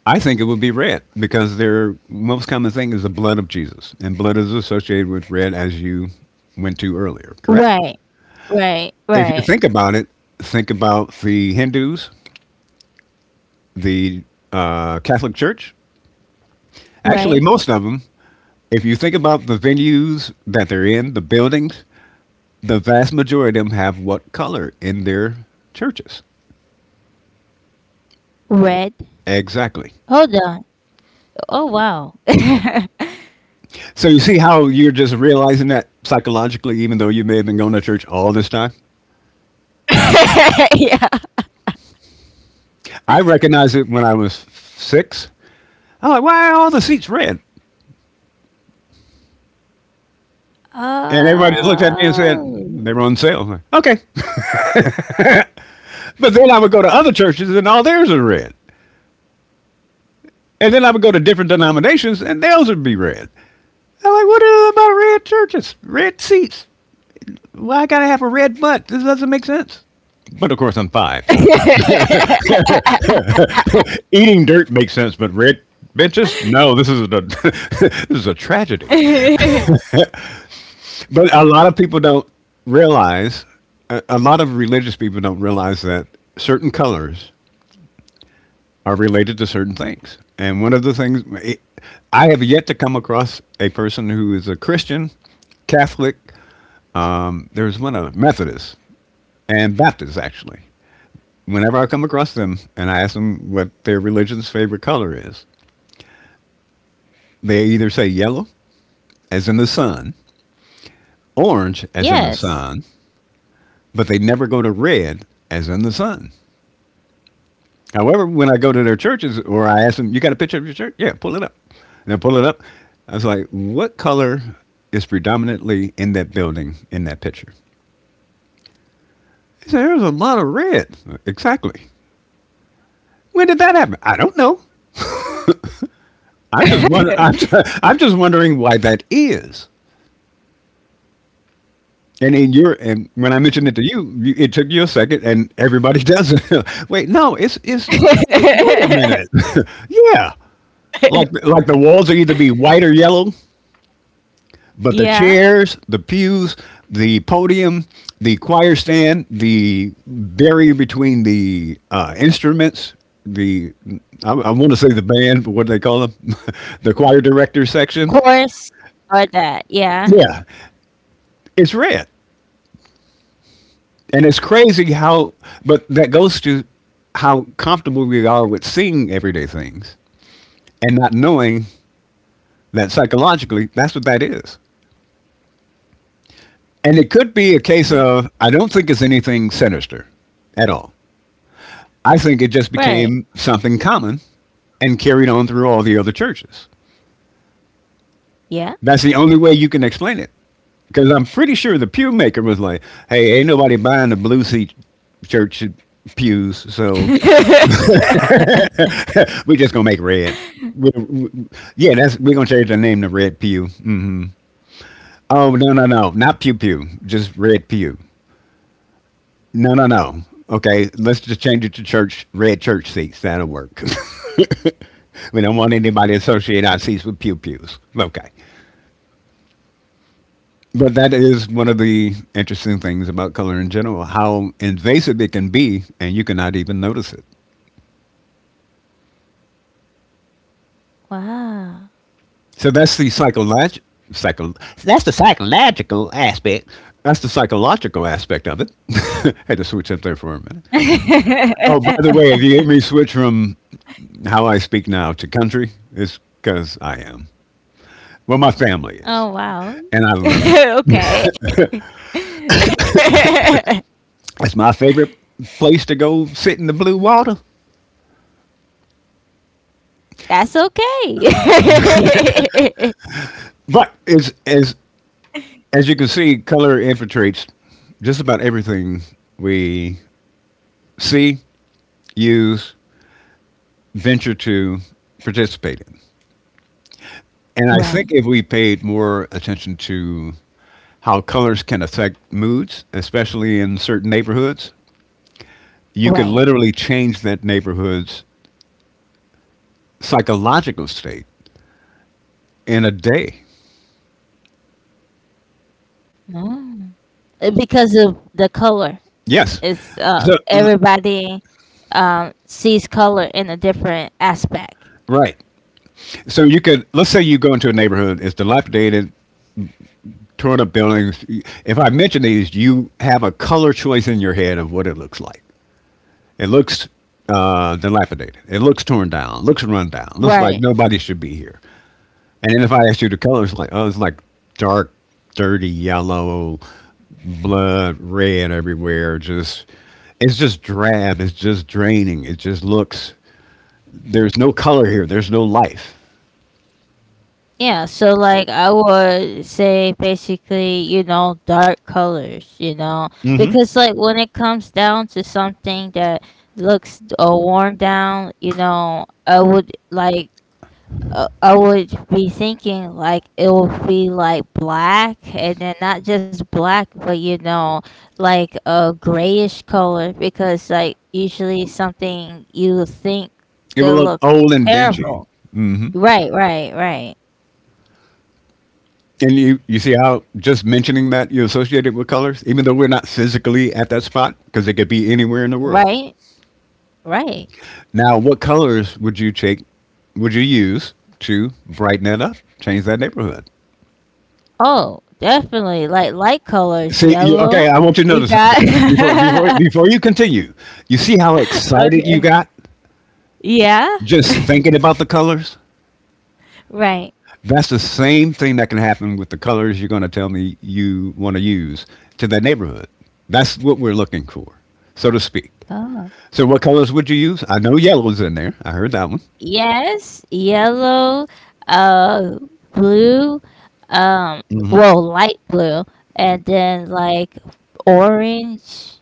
I think it would be red because their most common thing is the blood of Jesus, and blood is associated with red, as you went to earlier, correct? Right. Right. If you Right. think about it, think about the Hindus, the Catholic Church, actually, Right. most of them, if you think about the venues that they're in, the buildings, the vast majority of them have what color in their churches? Red. Exactly. Hold on. Oh wow. So you see how you're just realizing that psychologically, even though you may have been going to church all this time. Yeah. I recognized it when I was six. I'm like, why are all the seats red? And everybody just looked at me and said they were Oh. on sale. I'm like, okay, but then I would go to other churches and all theirs are red. And then I would go to different denominations and theirs would be red. I'm like, what is it about red churches, red seats? Why I gotta have a red butt? This doesn't make sense. But of course, I'm five, so eating dirt makes sense, but red benches? No, this is a this is a tragedy. But a lot of people don't realize. A lot of religious people don't realize that certain colors are related to certain things. And one of the things, I have yet to come across a person who is a Christian, Catholic. There's one other, Methodist and Baptist, actually. Whenever I come across them and I ask them what their religion's favorite color is, they either say yellow, as in the sun, orange, as in the Yes. sun, but they never go to red, as in the sun. However, when I go to their churches or I ask them, you got a picture of your church? Yeah, pull it up. And I pull it up. I was like, what color is predominantly in that building in that picture? He said, there's a lot of red. Exactly. When did that happen? I don't know. I'm just wonder- I'm just wondering why that is. And in your and when I mentioned it to you, it took you a second, and everybody does it. Wait, no, it's. Wait a minute. Yeah, like the walls will either be white or yellow, but the Yeah. chairs, the pews, the podium, the choir stand, the barrier between the instruments, the I want to say the band, but what do they call them? The choir director section. Course or that. Yeah. Yeah, it's red. And it's crazy how, but that goes to how comfortable we are with seeing everyday things and not knowing that psychologically that's what that is. And it could be a Uh, case of, I don't think it's anything sinister at all. I think it just right. became something common and carried on through all the other churches. Yeah. That's the only way you can explain it. Because I'm pretty sure the pew maker was like, hey, ain't nobody buying the blue seat church pews, so we're just gonna make red. We- we- yeah, that's we're gonna change the name to Red Pew. Hmm. Oh no no no, not Pew Pew, just Red Pew. No no no. Okay, let's just change it to church red church seats. That'll work. We don't want anybody to associate our seats with pew pews. Okay, but that is one of the interesting things about color in general: how invasive it can be, and you cannot even notice it. Wow. So psycho- that's the psychological aspect. That's the psychological aspect of it. Had to switch up there for a minute. Oh, Oh by the way, if you hear me switch from how I speak now to country, it's because I am. Well, my family is, wow. and I love it. Okay. It's my favorite place to go sit in the blue water. That's okay. But as you can see, color infiltrates just about everything we see, use, venture to participate in. And I think Right. if we paid more attention to how colors can affect moods, especially in certain neighborhoods, you could Right. literally change that neighborhood's psychological state in a day. No. Because of the color. Yes. It's So, everybody sees color in a different aspect. right. So you could, let's say you go into a neighborhood, it's dilapidated, torn up buildings. If I mention these, you have a color choice in your head of what it looks like. It looks dilapidated. It looks torn down. Looks run down. Looks like Right. nobody should be here. And then if I asked you the color, it's like, oh, it's like dark, dirty yellow, blood red everywhere. It's just drab. It's just draining. It just looks. There's no color here. There's no life. Yeah. So, like, I would say basically, you know, dark colors, you know, hmm because, like, when it comes down to something that looks worn down, you know, I would, like, I would be thinking, like, it would be, like, black, and then not just black, but, you know, like a grayish color, because, like, usually something you think It will it'll look look old and dingy. terrible. Right, right, right. And you see how just mentioning that you associate it with colors, even though we're not physically at that spot, because it could be anywhere in the Right, world. right. Now, what colors would you take? Would you use to brighten that up, change that neighborhood? Oh, definitely, like, light colors, See, okay, yellow. I want you to You notice something before before got. before you continue. You see how excited you Okay. got Yeah, just thinking about the colors? right. That's the same thing that can happen with the colors you're going to tell me you want to use to the neighborhood. That's what we're looking for, so to speak. Oh. So, what colors would you use? I know yellow's in there. I heard that one. Yes, yellow, uh, blue, um, well, light blue, and then, like, orange,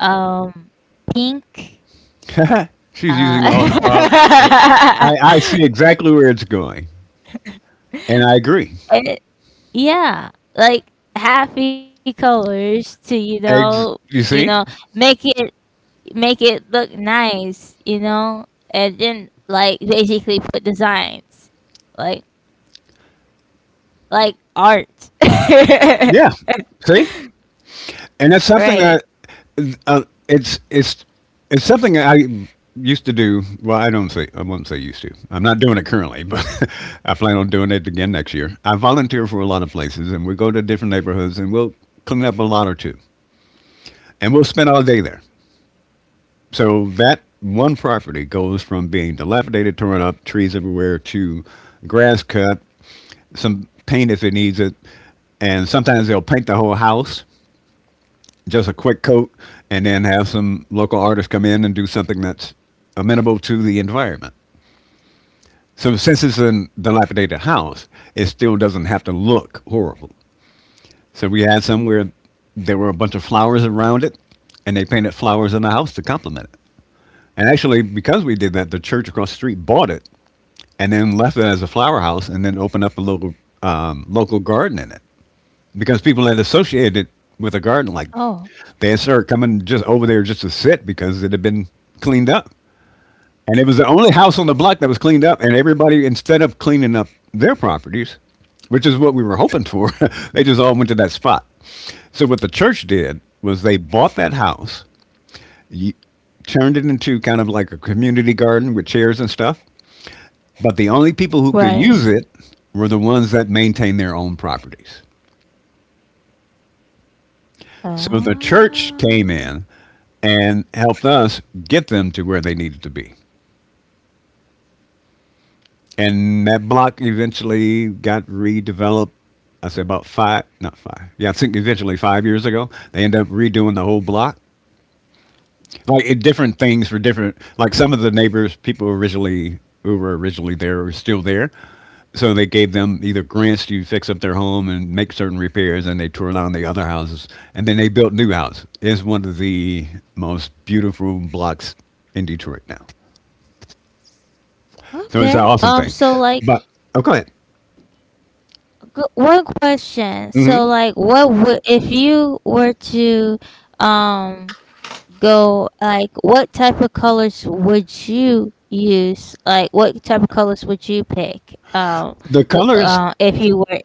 um, pink, She's uh, using all. I see exactly where it's going, and I agree. and. Yeah, like happy colors to, you know, Eggs. you You know, see? make it look nice, you know, and then like basically put designs like art. Yeah. See? And that's Right. something that uh, it's it's something that I used to do. Well, I don't say I won't say used to. I'm not doing it currently, but I plan on doing it again next year. I volunteer for a lot of places, and we go to different neighborhoods, and we'll clean up a lot or two, and we'll spend all day there. So that one property goes from being dilapidated, torn up, trees everywhere, to grass cut, some paint if it needs it, and sometimes they'll paint the whole house just a quick coat, and then have some local artists come in and do something that's amenable to the environment. So since it's in dilapidated house, it still doesn't have to look horrible. So we had some where there were a bunch of flowers around it, and they painted flowers in the house to complement it. And actually, because we did that, the church across the street bought it and then left it as a flower house, and then opened up a local garden in it because people had associated it Oh, with a garden like they started coming just over there just to sit because it had been cleaned up. And it was the only house on the block that was cleaned up. And everybody, instead of cleaning up their properties, which is what we were hoping for, they just all went to that spot. So what the church did was they bought that house, y- turned it into kind of like a community garden with chairs and stuff. But the only people who could right. use it were the ones that maintained their own properties. So the church came Oh, in and helped us get them to where they needed to be. And that block eventually got redeveloped. I say about five, not five. Yeah, I think eventually 5 years ago, they end up redoing the whole block. Like it, different things for different. Like some of the neighbors, people originally who were originally there are still there, so they gave them either grants to fix up their home and make certain repairs, and they tore down the other houses, and then they built new houses. It's one of the most beautiful blocks in Detroit now. okay. So it's an awesome So thing. like, But oh, go ahead. One question. So like, what would if you were to um go, like what type of colors would you use? Like what type of colors would you pick? The colors, If you were,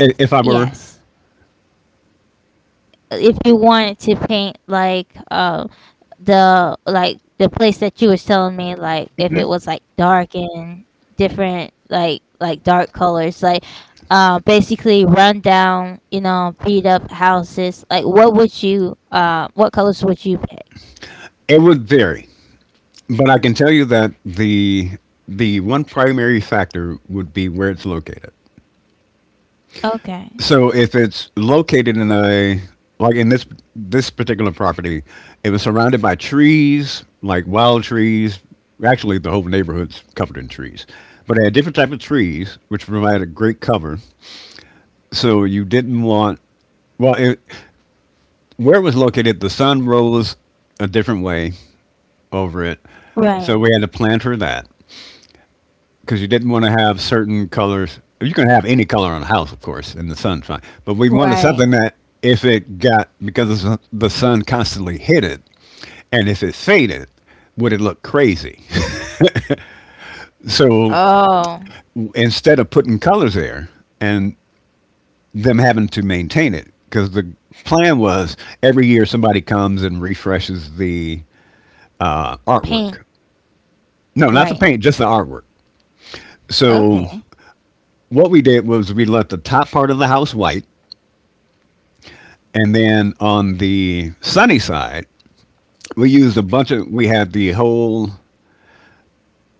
if I were, yes, if you wanted to paint like the, like, the place that you was telling me, like if it mm-hmm. was like dark and different, like dark colors like, basically run down, you know, beat up houses, like what would you what colors would you pick, It would vary, but I can tell you that the one primary factor would be where it's located. okay, So if it's located in a like in this particular property, it was surrounded by trees, like wild trees. Actually, the whole neighborhood's covered in trees, but it had different type of trees, which provided great cover. So you didn't want well, it, where it was located, the sun rose a different way, over it. right, So we had to plan for that because you didn't want to have certain colors. You can have any color on a house, of course, in the sun's fine. But we wanted something right. that if it got because the sun constantly hit it, and if it faded, would it look crazy? So Oh, instead of putting colors there and them having to maintain it, because the plan was every year somebody comes and refreshes the paint. artwork. No, not the Right. paint, just the artwork. So Okay. what we did was we left the top part of the house white, and then on the sunny side, we used a bunch of. We had the whole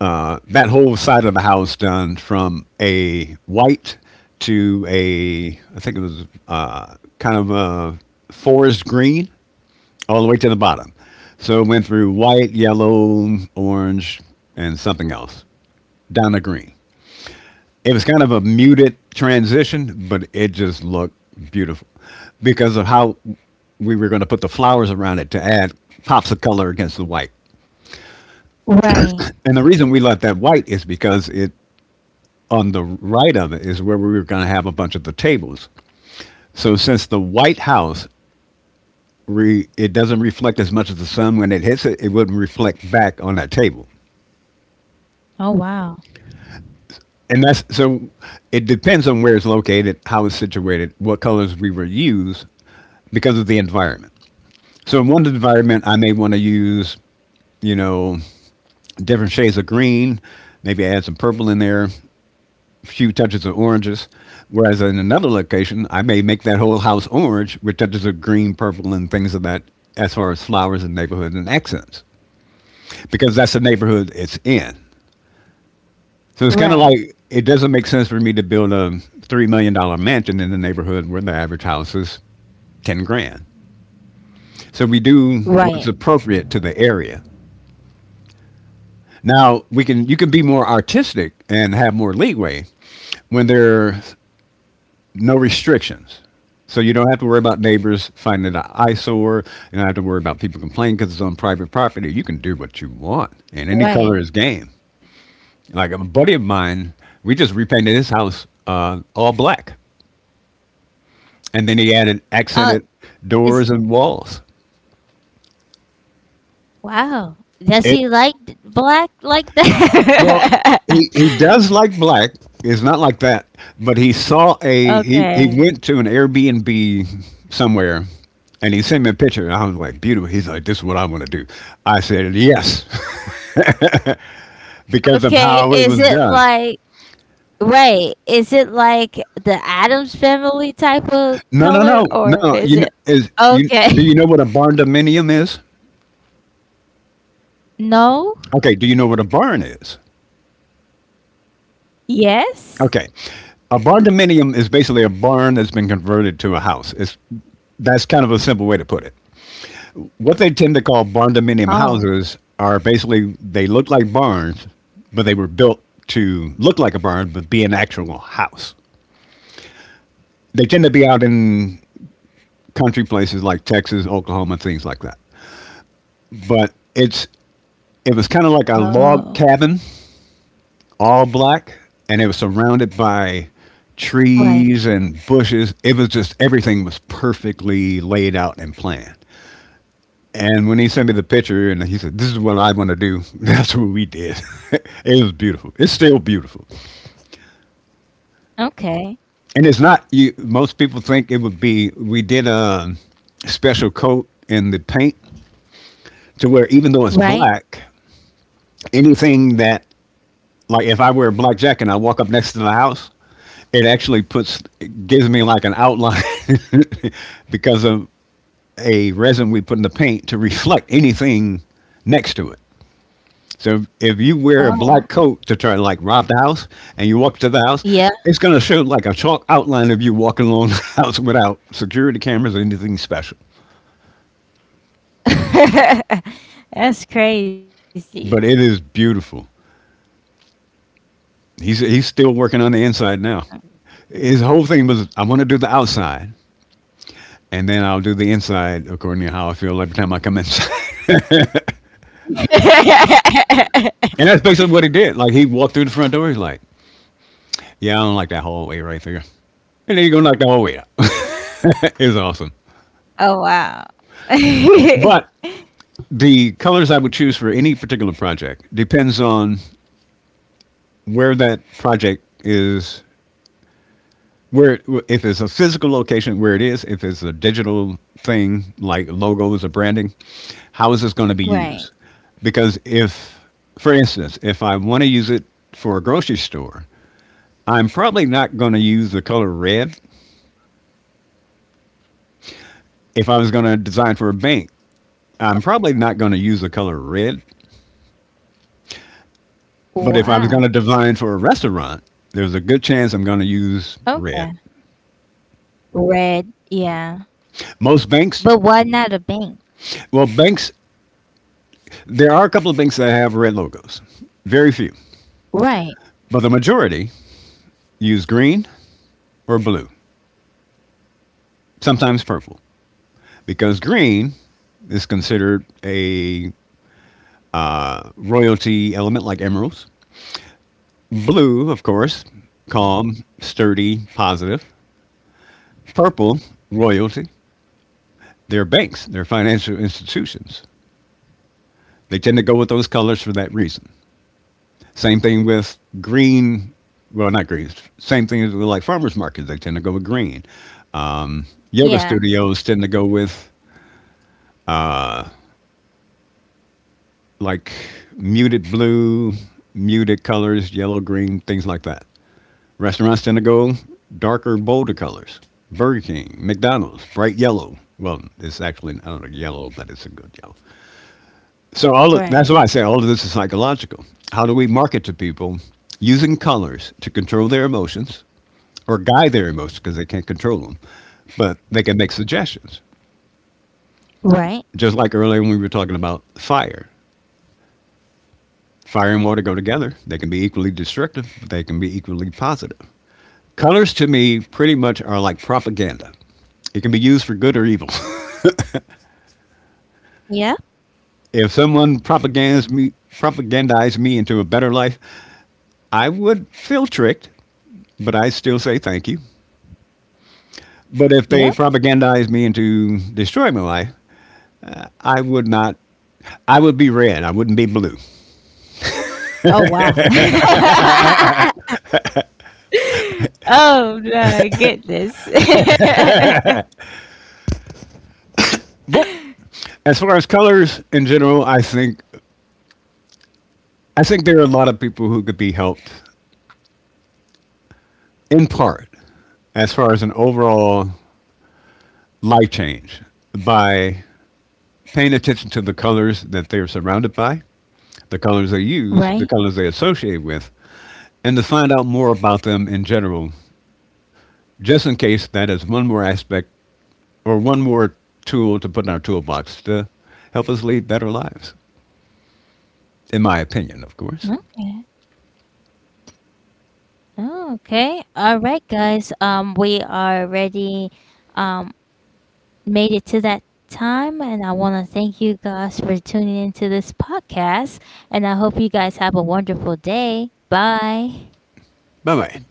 that whole side of the house done from a white to a I think it was kind of a forest green all the way to the bottom. So it went through white, yellow, orange, and something else down to green. It was kind of a muted transition, but it just looked beautiful because of how we were going to put the flowers around it to add pops of color against the white. Right. And the reason we left that white is because it on the right of it is where we were going to have a bunch of the tables. So since the White House it doesn't reflect as much as the sun when it hits it, it wouldn't reflect back on that table. Oh wow. And that's so it depends on where it's located, how it's situated, what colors we will use because of the environment. So in one environment, I may want to use, you know, different shades of green, maybe add some purple in there, a few touches of oranges. Whereas in another location, I may make that whole house orange with touches of green, purple, and things of that as far as flowers and neighborhood and accents, because that's the neighborhood it's in. So it's kind of Right. like it doesn't make sense for me to build a $3 million mansion in the neighborhood where the average house is 10 grand. So we do Right. what's appropriate to the area. Now we can you can be more artistic and have more leeway when there's no restrictions. So you don't have to worry about neighbors finding an eyesore. You don't have to worry about people complaining because it's on private property. You can do what you want, and any Right. color is game. Like a buddy of mine, we just repainted his house all black, and then he added Oh, accented it's doors and walls. wow. Does It he like black like Well, that? He does like black. It's not like that, but he saw a he Okay. went to an Airbnb somewhere, and he sent me a picture. And I was like, beautiful. He's like, this is what I want to do. I said yes because of Okay. how it Is was it done. like, right? Is it like the Adams family type of No, no, color, no, or is no. it You know, is you okay? do you know what a barn dominium is? No? Okay, do you know what a barn is? Yes? Okay, a barn dominium is basically a barn that's been converted to a house. It's That's kind of a simple way to put it. What they tend to Oh. call barndominium houses are basically they look like barns, but they were built to look like a barn but be an actual house. They tend to be out in country places like Texas, Oklahoma, things like that. But Oh. it was kind of like a log cabin, all black, and it was surrounded by Right. trees and bushes. It was just everything was perfectly laid out and planned. And when he sent me the picture, and he said, "This is what I want to do," that's what we did. It was beautiful. It's still beautiful, Okay. and it's not. You, most people think it would be. We did a special coat in the paint to where even though it's Right? black, anything that like if I wear a black jacket and I walk up next to the house, it actually puts it gives me like an outline because of a resin we put in the paint to reflect anything next to it. So if you wear a Oh. black coat to try to like rob the house and you walk to the house, Yeah. it's going to show like a chalk outline of you walking along the house without security cameras or anything special. That's crazy. But it is beautiful. He's still working on the inside now. His whole thing was I want to do the outside and then I'll do the inside according to how I feel every time I come inside. And that's basically what he did. Like he walked through the front door. He's like, "Yeah, I don't like that hallway right there," and then he go knock the hallway out. It was awesome. Oh, wow. But the colors I would choose for any particular project depends on where that project is. Where it, if it's a physical location, where it is, if it's a digital thing like logos or branding, Right. how is this going to be used? Because if, for instance, if I want to use it for a grocery store, I'm probably not going to use the color red. If I was going to design for a Uh, bank, I'm probably not going to use the color red. But if I Why? was going to design for a restaurant, there's a good chance I'm going to use red. Okay. Red. Yeah. Most banks, But why not a bank? well, banks, there are a couple of banks that have red logos, very few. Right. But the majority use green or blue, sometimes purple, because green is considered a royalty element like emeralds. Blue, of course, calm, sturdy, positive. Purple, royalty. They're financial institutions. They tend to go with those colors for that reason. Same thing with green. Well, not greens. Same thing with like farmers markets. They tend to go with green. Yoga studios Yeah. tend to go with like muted blue, muted colors, yellow, green, things like that. Restaurants tend to go darker, bolder colors. Burger King, McDonald's, bright yellow. Well, it's actually I don't know yellow, but it's a good yellow. So that's why I say all Right. of this is psychological. How do we market to people using colors to control their emotions or guide their emotions because they can't control them, but they can make suggestions. Right. Just like earlier when we were talking about fire. Fire and water go together. They can be equally destructive, but they can be equally positive. Colors to me pretty much are like propaganda. It can be used for good or evil. Yeah. If propagandized me into a better life, I would feel tricked, but I still say thank you. But if they Yep. propagandize me into destroying my life, I would not. I would be red. I wouldn't be blue. Oh, wow. Oh, my goodness. But as far as colors in general, I think there are a lot of people who could be helped in part, as far as an overall life change, by paying attention to the colors that they're surrounded by, the colors they use, the Right. colors they associate with, and to find out more about them in general, just in case that is one more aspect or one more tool to put in our toolbox to help us lead better lives, in my opinion, of course. Okay. Oh, okay. All right, guys. We are ready. Um, Made it to that time, and I want to thank you guys for tuning into this podcast. And I hope you guys have a wonderful day. Bye. Bye bye.